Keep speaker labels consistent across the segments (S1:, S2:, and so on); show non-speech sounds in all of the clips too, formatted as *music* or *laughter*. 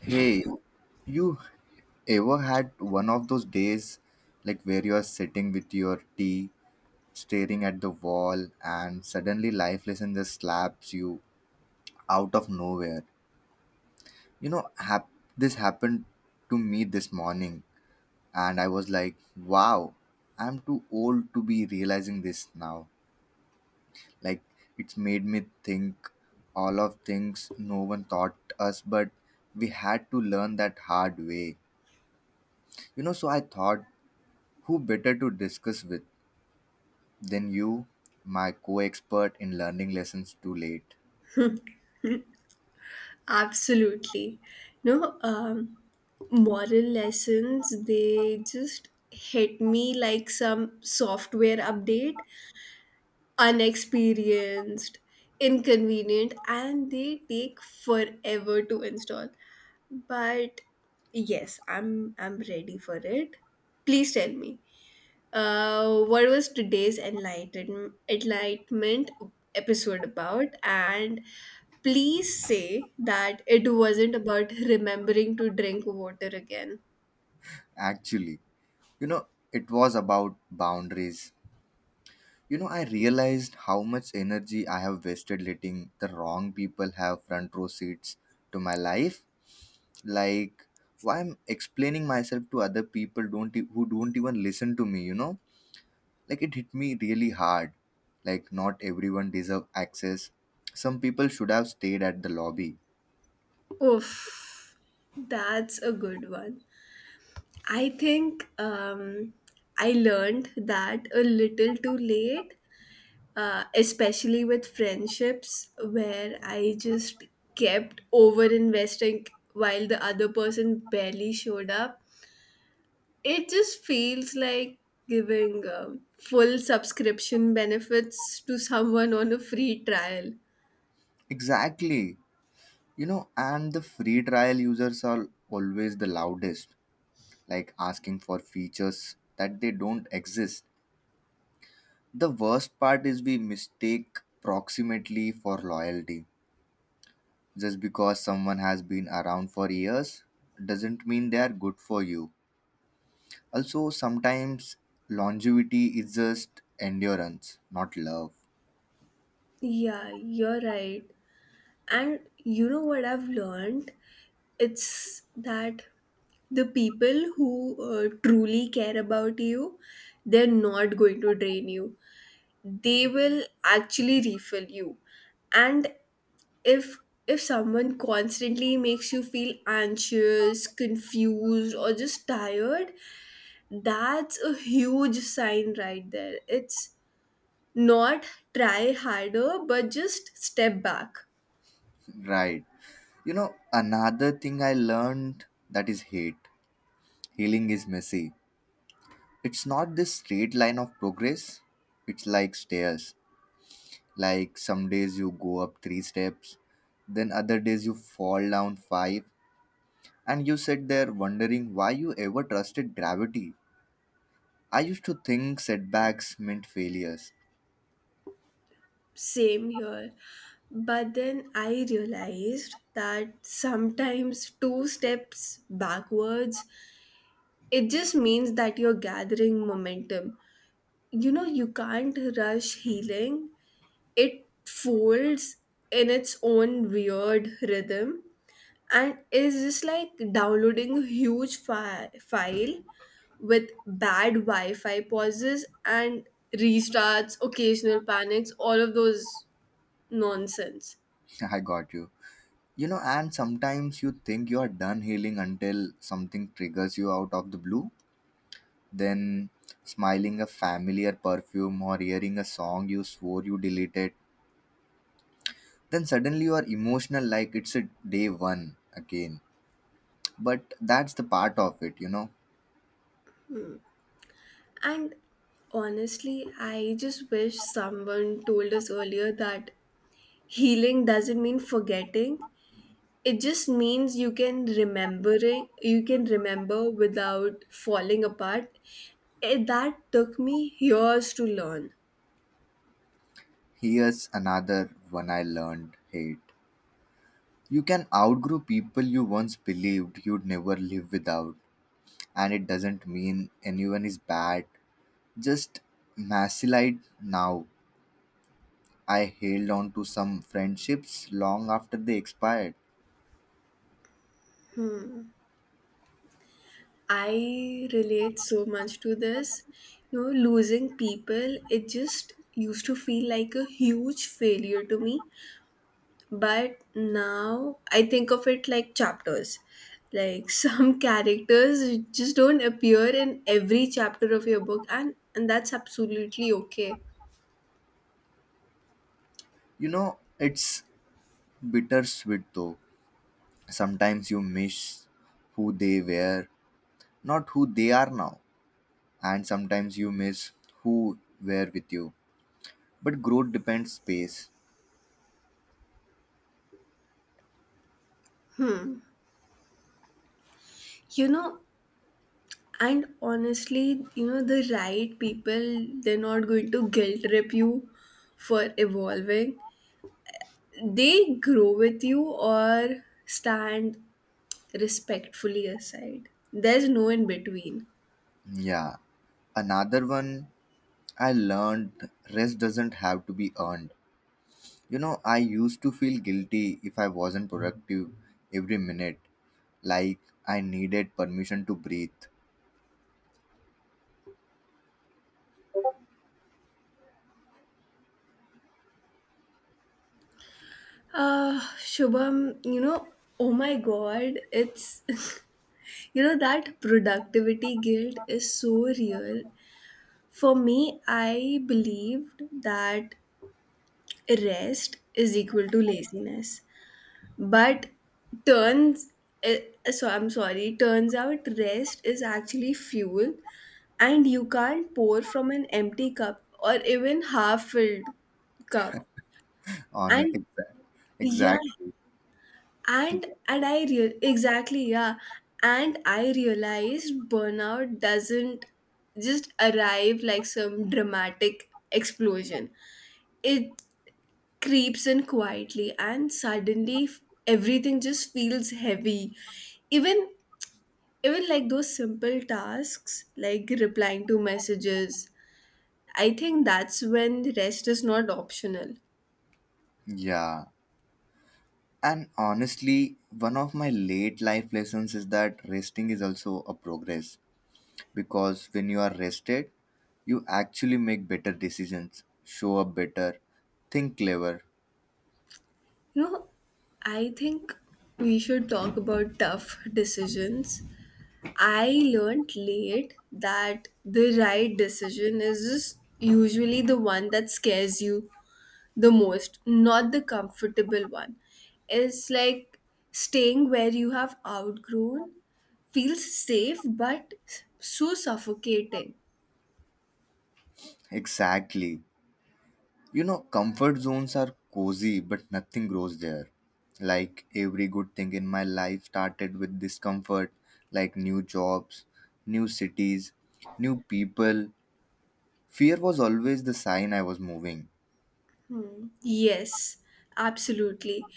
S1: Hey, you ever had one of those days like where you are sitting with your tea, staring at the wall, and suddenly life lesson just slaps you out of nowhere? You know, hap- this happened to me this morning, and I was like, wow, I'm too old to be realizing this now. Like, it's made me think all of things no one taught us, but we had to learn that hard way. So I thought, who better to discuss with than you, my co expert in learning lessons too late?
S2: Absolutely. No, moral lessons, they just hit me like some software update, unexperienced, inconvenient, and they take forever to install. But yes, I'm ready for it. Please tell me. What was today's enlightenment episode about? And please say that it wasn't about remembering to drink water again.
S1: Actually, you know, it was about boundaries. I realized how much energy I have wasted letting the wrong people have front row seats to my life. Like, why I'm explaining myself to other people don't e- who don't even listen to me, you know? Like, it hit me really hard. Like, not everyone deserve access. Some people should have stayed at the lobby.
S2: Oof, that's a good one. I think I learned that a little too late, especially with friendships, where I just kept over investing while the other person barely showed up. It just feels like giving full subscription benefits to someone on a free trial.
S1: Exactly. And the free trial users are always the loudest, like asking for features that they don't exist. The worst part is we mistake proximity for loyalty. Just because someone has been around for years doesn't mean they are good for you. Also, sometimes longevity is just endurance, not love.
S2: Yeah, you're right. And you know what I've learned? It's that the people who truly care about you, they're not going to drain you. They will actually refill you. And if someone constantly makes you feel anxious, confused, or just tired, that's a huge sign right there. It's not try harder, but just step back.
S1: Right. Another thing I learned that is hate. Healing is messy. It's not this straight line of progress, it's like stairs. Like some days you go up three steps, then other days you fall down five, and you sit there wondering why you ever trusted gravity. I used to think setbacks meant failures.
S2: Same here. But then I realized that sometimes two steps backwards, it just means that you're gathering momentum. You know, you can't rush healing, it folds in its own weird rhythm, and it's just like downloading a huge file with bad wi-fi pauses and restarts, occasional panics, all of those nonsense.
S1: *laughs* I got you. And sometimes you think you are done healing until something triggers you out of the blue. Then, smiling a familiar perfume or hearing a song you swore you deleted, then suddenly you are emotional like it's a day one again. But that's the part of it.
S2: And honestly, I just wish someone told us earlier that healing doesn't mean forgetting, it just means you can remember without falling apart. It, that took me years to learn.
S1: Here's another one I learned hate. You can outgrow people you once believed you'd never live without, and it doesn't mean anyone is bad, just macilite now. I held on to some friendships long after they expired.
S2: I relate so much to this. You know, losing people, it just used to feel like a huge failure to me. But now I think of it like chapters. Like *laughs* some characters just don't appear in every chapter of your book, and that's absolutely okay.
S1: you know it's bittersweet though. Sometimes you miss who they were, not who they are now. And sometimes you miss who were with you. But growth depends space.
S2: You know, and honestly, you know, the right people, they're not going to guilt trip you for evolving. They grow with you or stand respectfully aside. There's no in between.
S1: Yeah. Another one I learned, rest doesn't have to be earned. I used to feel guilty if I wasn't productive every minute, like I needed permission to breathe.
S2: Ah, Shubham, you know, oh my god, it's *laughs* you know that productivity guilt is so real. For me, I believed that rest is equal to laziness. But turns, eh, so I'm sorry, turns out rest is actually fuel and you can't pour from an empty cup or even half filled cup.
S1: *laughs* On
S2: And
S1: exa-
S2: yeah,
S1: exactly.
S2: and and I real exactly yeah, and I realized burnout doesn't just arrive like some dramatic explosion. It creeps in quietly and suddenly everything just feels heavy, even even like those simple tasks like replying to messages. I think that's when rest is not optional.
S1: Yeah. And honestly, one of my late life lessons is that resting is also a progress, because when you are rested, you actually make better decisions, show up better, think clever.
S2: You know, I think we should talk about tough decisions. I learned late that the right decision is just usually the one that scares you the most, not the comfortable one. It's like staying where you have outgrown feels safe but so suffocating.
S1: Exactly. Comfort zones are cozy, but nothing grows there. Like every good thing in my life started with discomfort, like new jobs, new cities, new people. Fear was always the sign I was moving.
S2: Hmm. Yes, absolutely.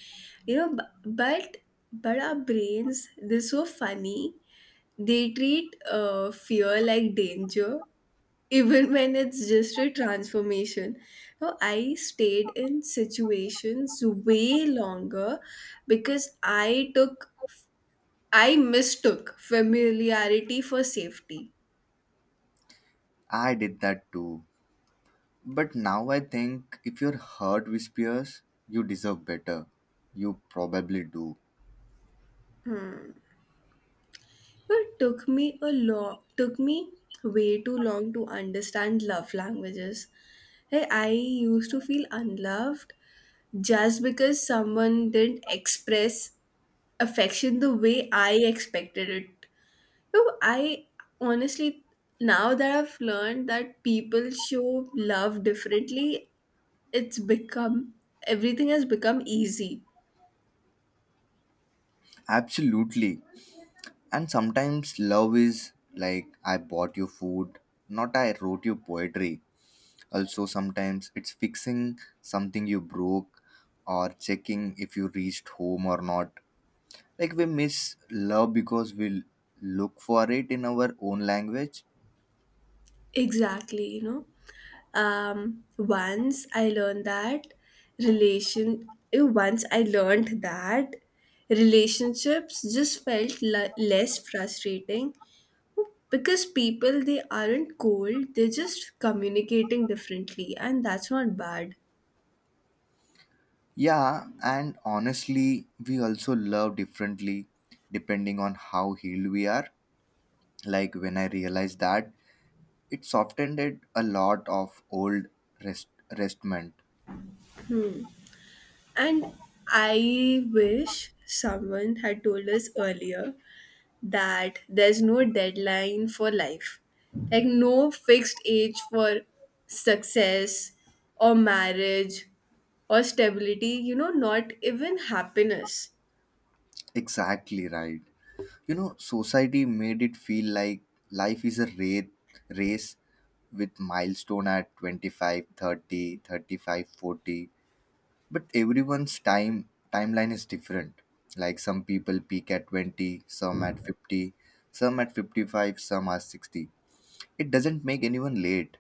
S2: You know, but our brains, they're so funny. They treat fear like danger, *laughs* even when it's just a transformation. Now, I stayed in situations way longer because I mistook familiarity for safety.
S1: I did that too. But now I think if your heart whispers, you deserve better. You probably do.
S2: It took me a took me way too long to understand love languages. Hey, I used to feel unloved just because someone didn't express affection the way I expected it. You know, I honestly now that I've learned that people show love differently, it's become everything has become easy.
S1: Absolutely. And sometimes love is like, I bought you food, not I wrote you poetry. Also, sometimes it's fixing something you broke or checking if you reached home or not. Like we miss love because we look for it in our own language.
S2: Exactly, you know. Once I learned that once I learned that relationships just felt less frustrating because people, they aren't cold, they're just communicating differently, and that's not bad.
S1: Yeah, and honestly, we also love differently depending on how healed we are. Like when I realized that, it softened it a lot of old rest, restment.
S2: And I wish someone had told us earlier that there's no deadline for life, like no fixed age for success or marriage or stability, you know, not even happiness.
S1: Exactly, right. Society made it feel like life is a race with milestone at 25, 30, 35, 40. But everyone's timeline is different. Like some people peak at 20, some at 50, some at 55, some are 60. It doesn't make anyone late.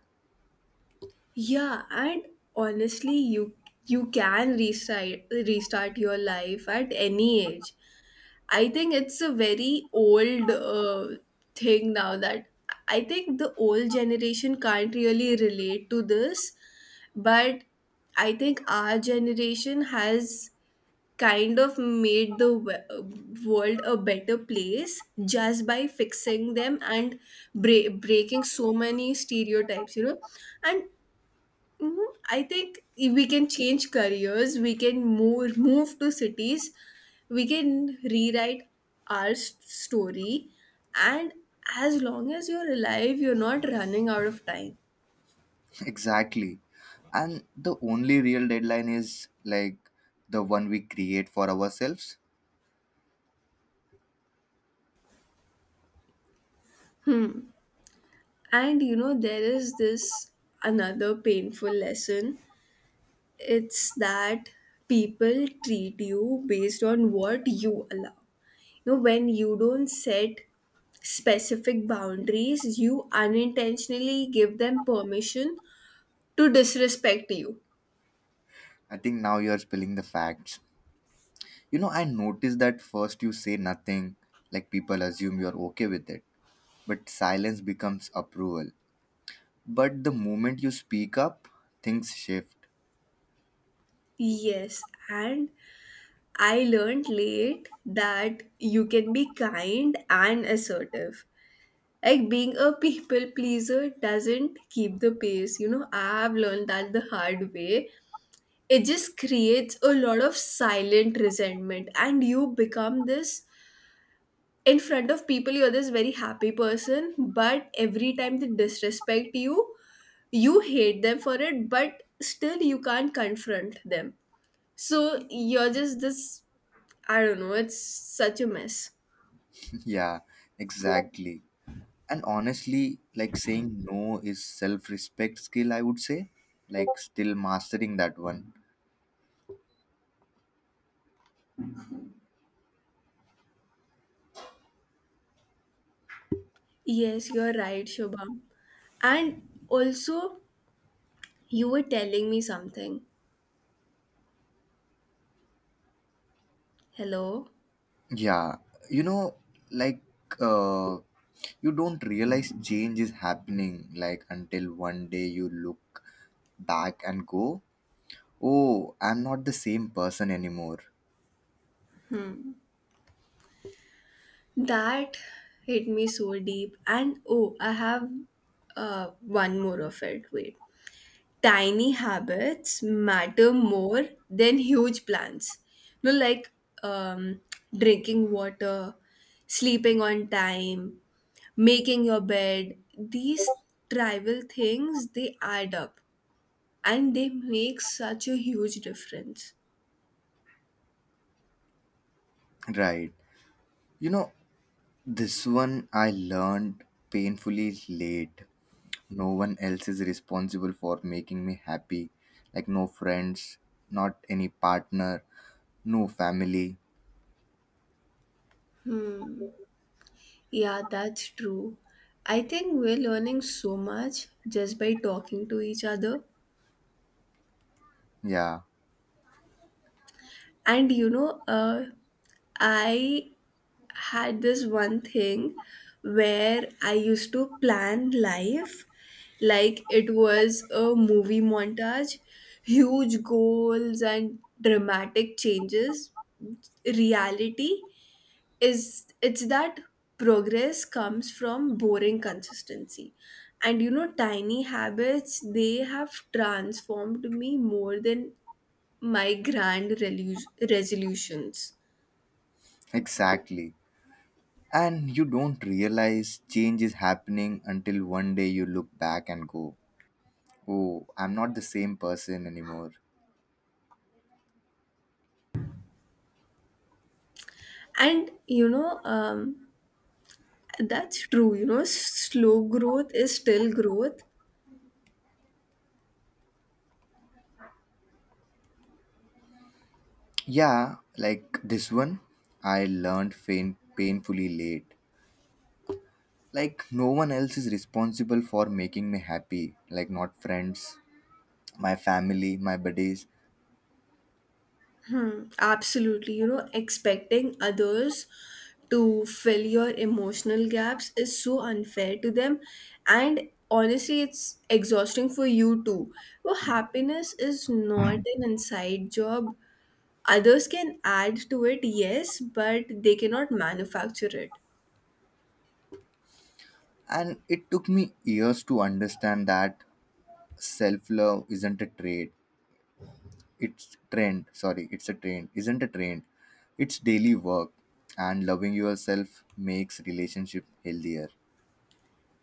S2: Yeah, and honestly, you can restart your life at any age. I think it's a very old thing now that I think the old generation can't really relate to this, but I think our generation has kind of made the world a better place just by fixing them and breaking so many stereotypes, you know. And mhm, I think if we can change careers, we can move to cities, we can rewrite our story, and as long as you're alive, you're not running out of time.
S1: Exactly. And the only real deadline is like the one we create for ourselves.
S2: And you know, there is this another painful lesson. It's that people treat you based on what you allow. You know, when you don't set specific boundaries, you unintentionally give them permission to disrespect you.
S1: I think now you're spilling the facts. I noticed that first you say nothing, like people assume you're okay with it, but silence becomes approval. But the moment you speak up, things shift.
S2: Yes, and I learned late that you can be kind and assertive. Like being a people pleaser doesn't keep the pace. You know, I've learned that the hard way. It just creates a lot of silent resentment, and you become this, in front of people, you're this very happy person, but every time they disrespect you, you hate them for it, but still you can't confront them. So you're just this, I don't know, it's such a mess.
S1: *laughs* Yeah, exactly. And honestly, like saying no is self respect skill, I would say, like still mastering that one.
S2: Yes, you're right, Shubham. And also, you were telling me something. Hello?
S1: Yeah, you know, like uh, you don't realize change is happening like until one day you look back and go, "Oh, I'm not the same person anymore."
S2: That hit me so deep. And oh, I have one more of it. Wait. Tiny habits matter more than huge plans. You know, like um, drinking water, sleeping on time, making your bed. These trivial things, they add up and they make such a huge difference.
S1: Right. You know, this one I learned painfully late. No one else is responsible for making me happy. Like no friends, not any partner, no family.
S2: Yeah, that's true. I think we're learning so much just by talking to each other.
S1: Yeah,
S2: And you know, I had this one thing where I used to plan life like it was a movie montage, huge goals and dramatic changes. Reality is it's that progress comes from boring consistency. And you know, tiny habits, they have transformed me more than my grand resolutions.
S1: exactly. And you don't realize change is happening until one day you look back and go, oh, I'm not the same person anymore.
S2: And you know, that's true. You know, slow growth is still growth.
S1: Yeah, like this one, I learned painfully late. Like, no one else is responsible for making me happy, like, not friends, my family, my buddies.
S2: Hmm, absolutely. You know, expecting others to fill your emotional gaps is so unfair to them. And honestly, it's exhausting for you too. Well, happiness is not an inside job. Others can add to it, yes, but they cannot manufacture it.
S1: And it took me years to understand that self love isn't a trait, it's trend, sorry, it's a trend, isn't a trend, it's daily work, and loving yourself makes relationship healthier.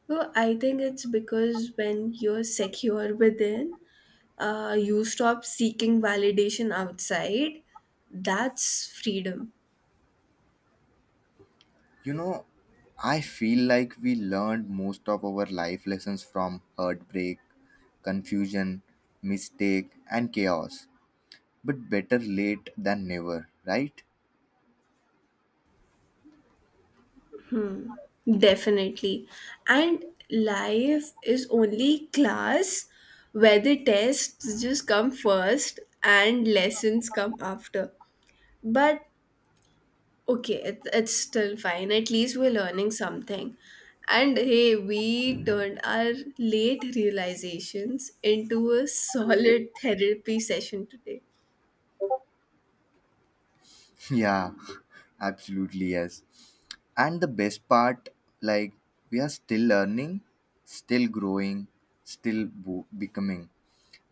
S2: Well, I think it's because when you're secure within, you stop seeking validation outside. That's freedom,
S1: you know I feel like we learned most of our life lessons from heartbreak, confusion, mistake, and chaos, but better late than never, right?
S2: definitely. And life is only class where the tests just come first and lessons come after. But okay, it's still fine. At least we're learning something. And hey, we turned our late realizations into a solid therapy session today.
S1: Yeah, absolutely, yes. And the best part, like, we are still learning, still growing, still becoming.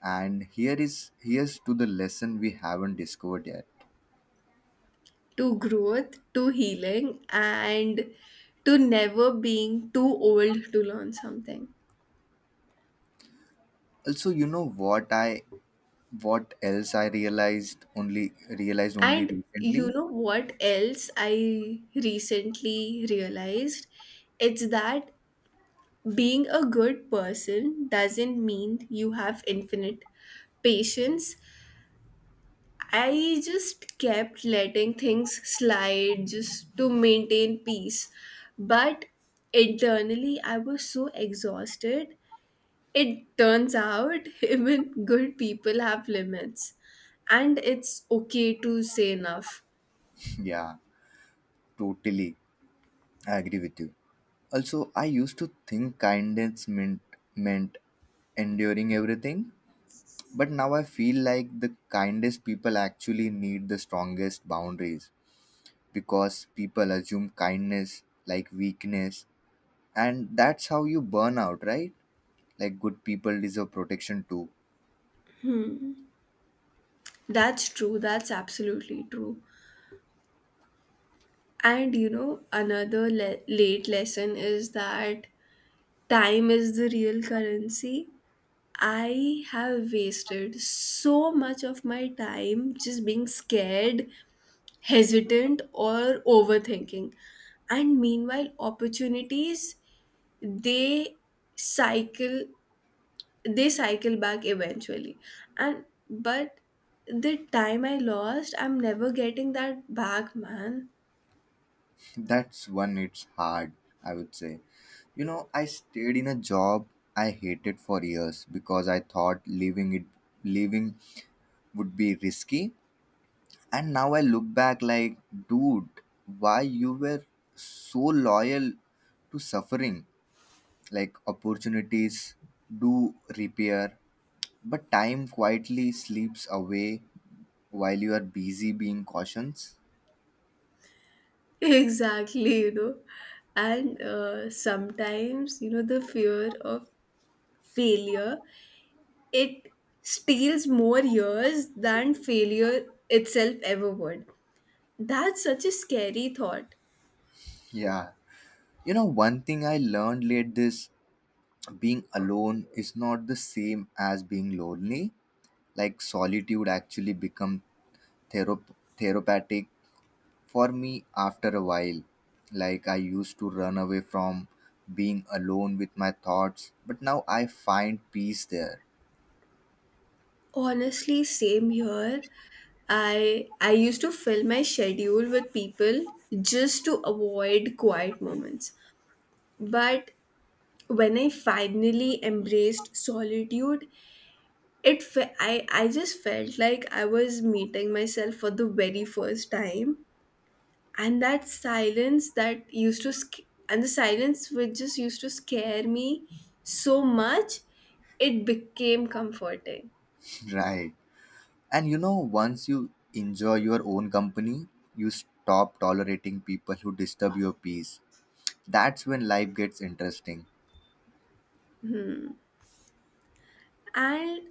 S1: And here's to the lesson we haven't discovered yet.
S2: To growth, to healing, and to never being too old to learn something.
S1: Also, you know what else I realized only
S2: And you
S1: recently?
S2: know what else I recently realized? It's that being a good person doesn't mean you have infinite patience. I just kept letting things slide just to maintain peace. But internally, I was so exhausted. It turns out *laughs* even good people have limits, and it's okay to say enough.
S1: Yeah, totally. I agree with you. Also, I used to think kindness meant enduring everything. But now I feel like the kindest people actually need the strongest boundaries, because people assume kindness like weakness, and that's how you burn out, right? Like good people deserve protection too.
S2: That's true, that's absolutely true. And you know, another late lesson is that time is the real currency. I have wasted so much of my time just being scared, hesitant, or overthinking. And meanwhile, opportunities they cycle they cycle back eventually. And but the time I lost, I'm never getting that back, man.
S1: *laughs* That's one, it's hard, I would say. I stayed in a job I hated for years because I thought leaving would be risky. And now I look back like, dude, why you were so loyal to suffering? Like opportunities do repair, but time quietly sleeps away while you are busy being cautious.
S2: *laughs* Exactly, you know. And sometimes, you know, the fear of failure, it steals more years than failure itself ever would. That's such a scary thought.
S1: Yeah. One thing I learned late, this being alone is not the same as being lonely. Like solitude actually become therop, therapeutic. For me, after a while, like I used to run away from being alone with my thoughts, but now I find peace there.
S2: Honestly, same here. I used to fill my schedule with people just to avoid quiet moments. But when I finally embraced solitude, it fe- I just felt like I was meeting myself for the very first time, and that silence that used to sc- and the silence which just used to scare me so much, it became comforting.
S1: *laughs* Right. And once you enjoy your own company, you stop tolerating people who disturb your peace. That's when life gets interesting.
S2: And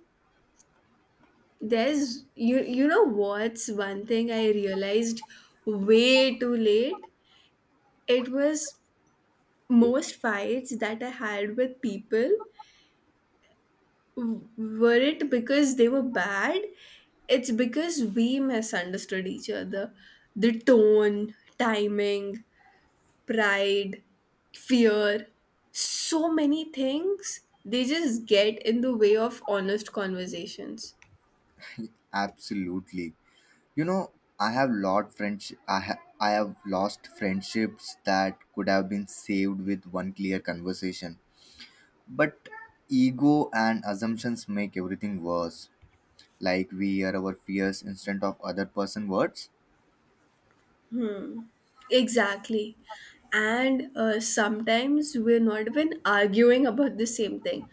S2: there's you know what's one thing I realized way too late? It was, most fights that I had with people weren't because they were bad, it's because we misunderstood each other. The tone, timing, pride, fear, so many things, they just get in the way of honest conversations.
S1: Absolutely. You know, I have lot friends I ha- I have lost friendships that could have been saved with one clear conversation. But ego and assumptions make everything worse. Like we are our fears instead of other person words.
S2: Exactly. And sometimes we're not even arguing about the same thing.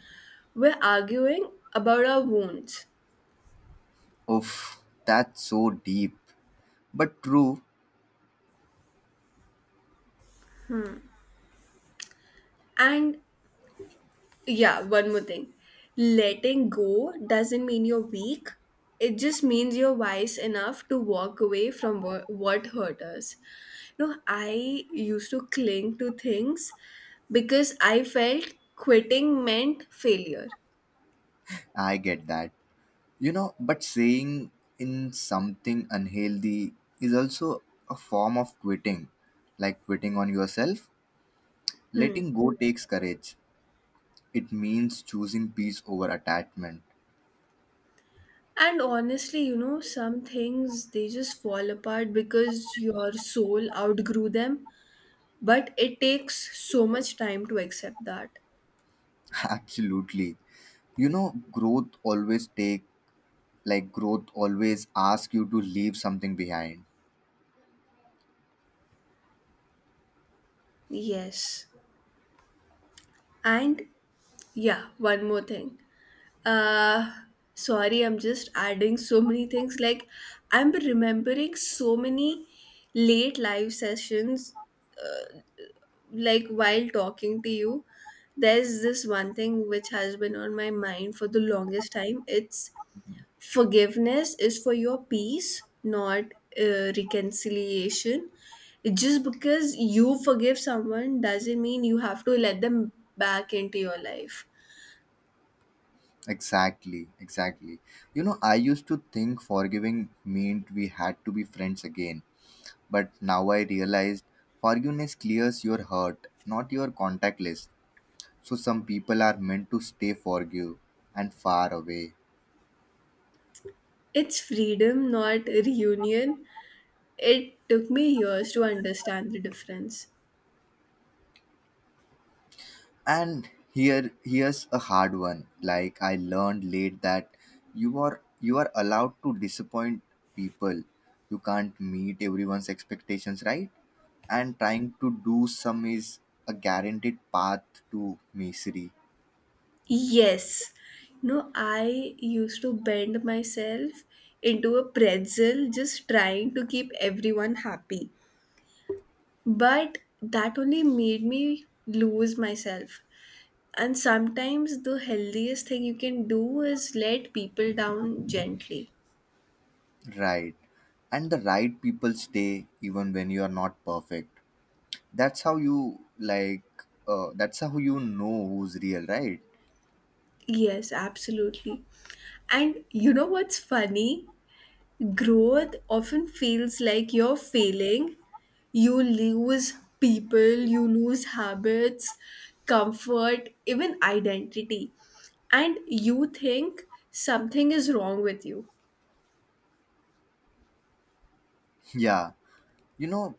S2: We're arguing about our wounds.
S1: Oof, that's so deep. But true.
S2: And yeah, one more thing. Letting go doesn't mean you're weak. It just means you're wise enough to walk away from what hurt us. You know, I used to cling to things because I felt quitting meant failure.
S1: I get that. But saying in something unhealthy is also a form of quitting. Like quitting on yourself.
S2: Hmm.
S1: Letting go takes courage. It means choosing peace over attachment.
S2: And honestly, you know, some things, they just fall apart because your soul outgrew them, but it takes so much time to accept that.
S1: *laughs* Absolutely. You know, growth always take growth always asks you to leave something behind.
S2: Yes. And yeah, one more thing. Uh, sorry, I'm just adding so many things. Like, I'm remembering so many late live sessions, like, while talking to you. There's this one thing which has been on my mind for the longest time. It's forgiveness is for your peace, not reconciliation. Just because you forgive someone doesn't mean you have to let them back into your life.
S1: Exactly, exactly. I used to think forgiving meant we had to be friends again. But now I realized forgiveness clears your heart, not your contact list. So some people are meant to stay forgive and far away.
S2: It's freedom, not reunion. It took me years to understand the difference.
S1: And here's a hard one. Like I learned late that you are allowed to disappoint people. You can't meet everyone's expectations, right? And trying to do some is a guaranteed path to misery.
S2: Yes. No, I used to bend myself into a pretzel just trying to keep everyone happy. But that only made me lose myself. And sometimes the healthiest thing you can do is let people down gently.
S1: Right. And the right people stay even when you are not perfect. That's how you like that's how you know who's real, right?
S2: Yes, absolutely. And you know what's funny? Growth often feels like you're failing. You lose people, you lose habits, comfort, even identity. And you think something is wrong with you.
S1: *laughs* Yeah. You know,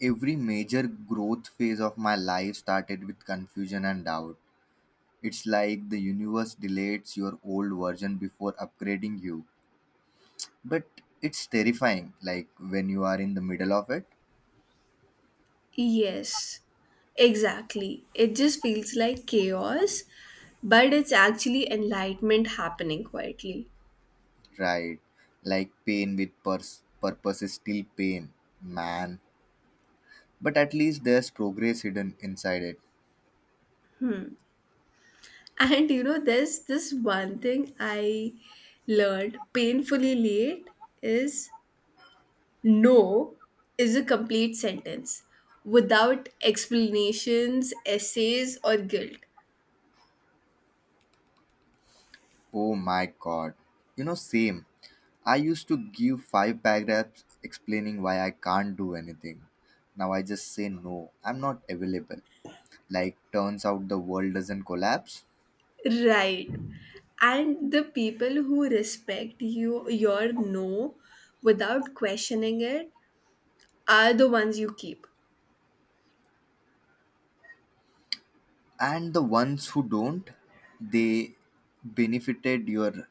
S1: Every major growth phase of my life started with confusion and doubt. It's like the universe deletes your old version before upgrading you. But it's terrifying, like when you are in the middle of it.
S2: Yes, exactly. It just feels like chaos, but it's actually enlightenment happening quietly.
S1: Right. Like pain with purpose is still pain, man. But at least there's progress hidden inside it.
S2: And you know, there's this one thing I learned painfully late is no is a complete sentence without explanations, essays, or guilt.
S1: Oh my god. Same. I used to give five paragraphs explaining why I can't do anything. Now I just say no, I'm not available. Like, turns out the world doesn't collapse.
S2: Right. And the people who respect you, your no without questioning it are the ones you keep.
S1: And the ones who don't, they benefited your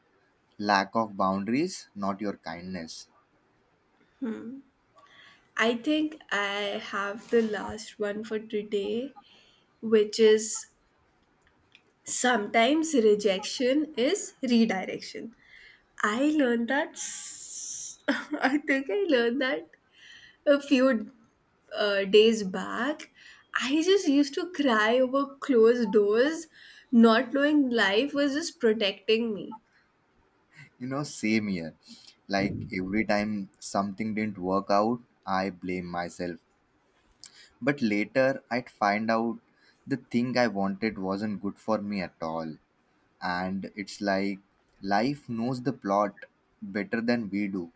S1: lack of boundaries, not your kindness.
S2: I think I have the last one for today, which is sometimes rejection is redirection. I learned that. *laughs* I think I learned that a few days back, I just used to cry over closed doors, not knowing life was just protecting me.
S1: Same here. Like, every time something didn't work out, I blame myself. But later, I'd find out the thing I wanted wasn't good for me at all. And it's like life knows the plot better than we do.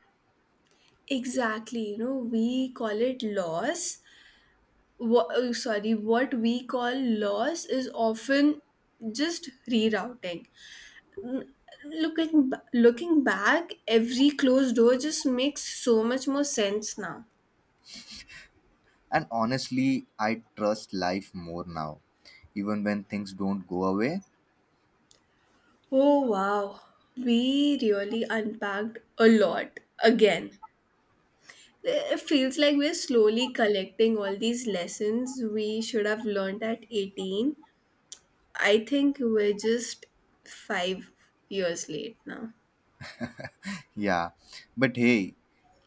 S2: Exactly, you know, we call it loss. What, oh, sorry, what we call loss is often just rerouting. Looking looking back, every closed door just makes so much more sense now.
S1: And honestly, I trust life more now, even when things don't go away.
S2: Oh wow, we really unpacked a lot again. It feels like we're slowly collecting all these lessons we should have learned at 18. I think we're just 5 years late now.
S1: Yeah, but hey,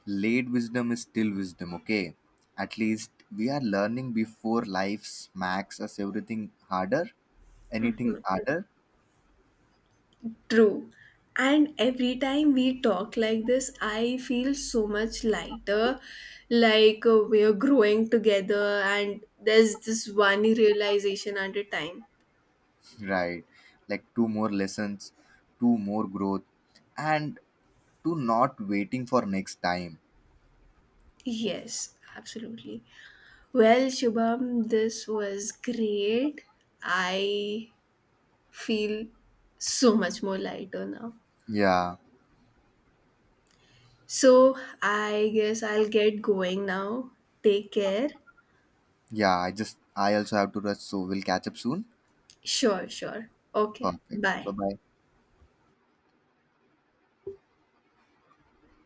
S1: late wisdom is still wisdom, okay? At least we are learning before life smacks us anything harder.
S2: True. And every time we talk like this, I feel so much lighter. Like we're growing together, and there's this one realization at a time.
S1: Right, like two more lessons, two more growth, and to not waiting for next time.
S2: Yes, absolutely. Well, Shubham, this was great. I feel so much more lighter now.
S1: Yeah,
S2: So I guess I'll get going now. Take care.
S1: yeah. I also have to rush, so we'll catch up soon.
S2: Sure, sure. Okay.
S1: Perfect. Bye
S2: Bye.
S1: bye.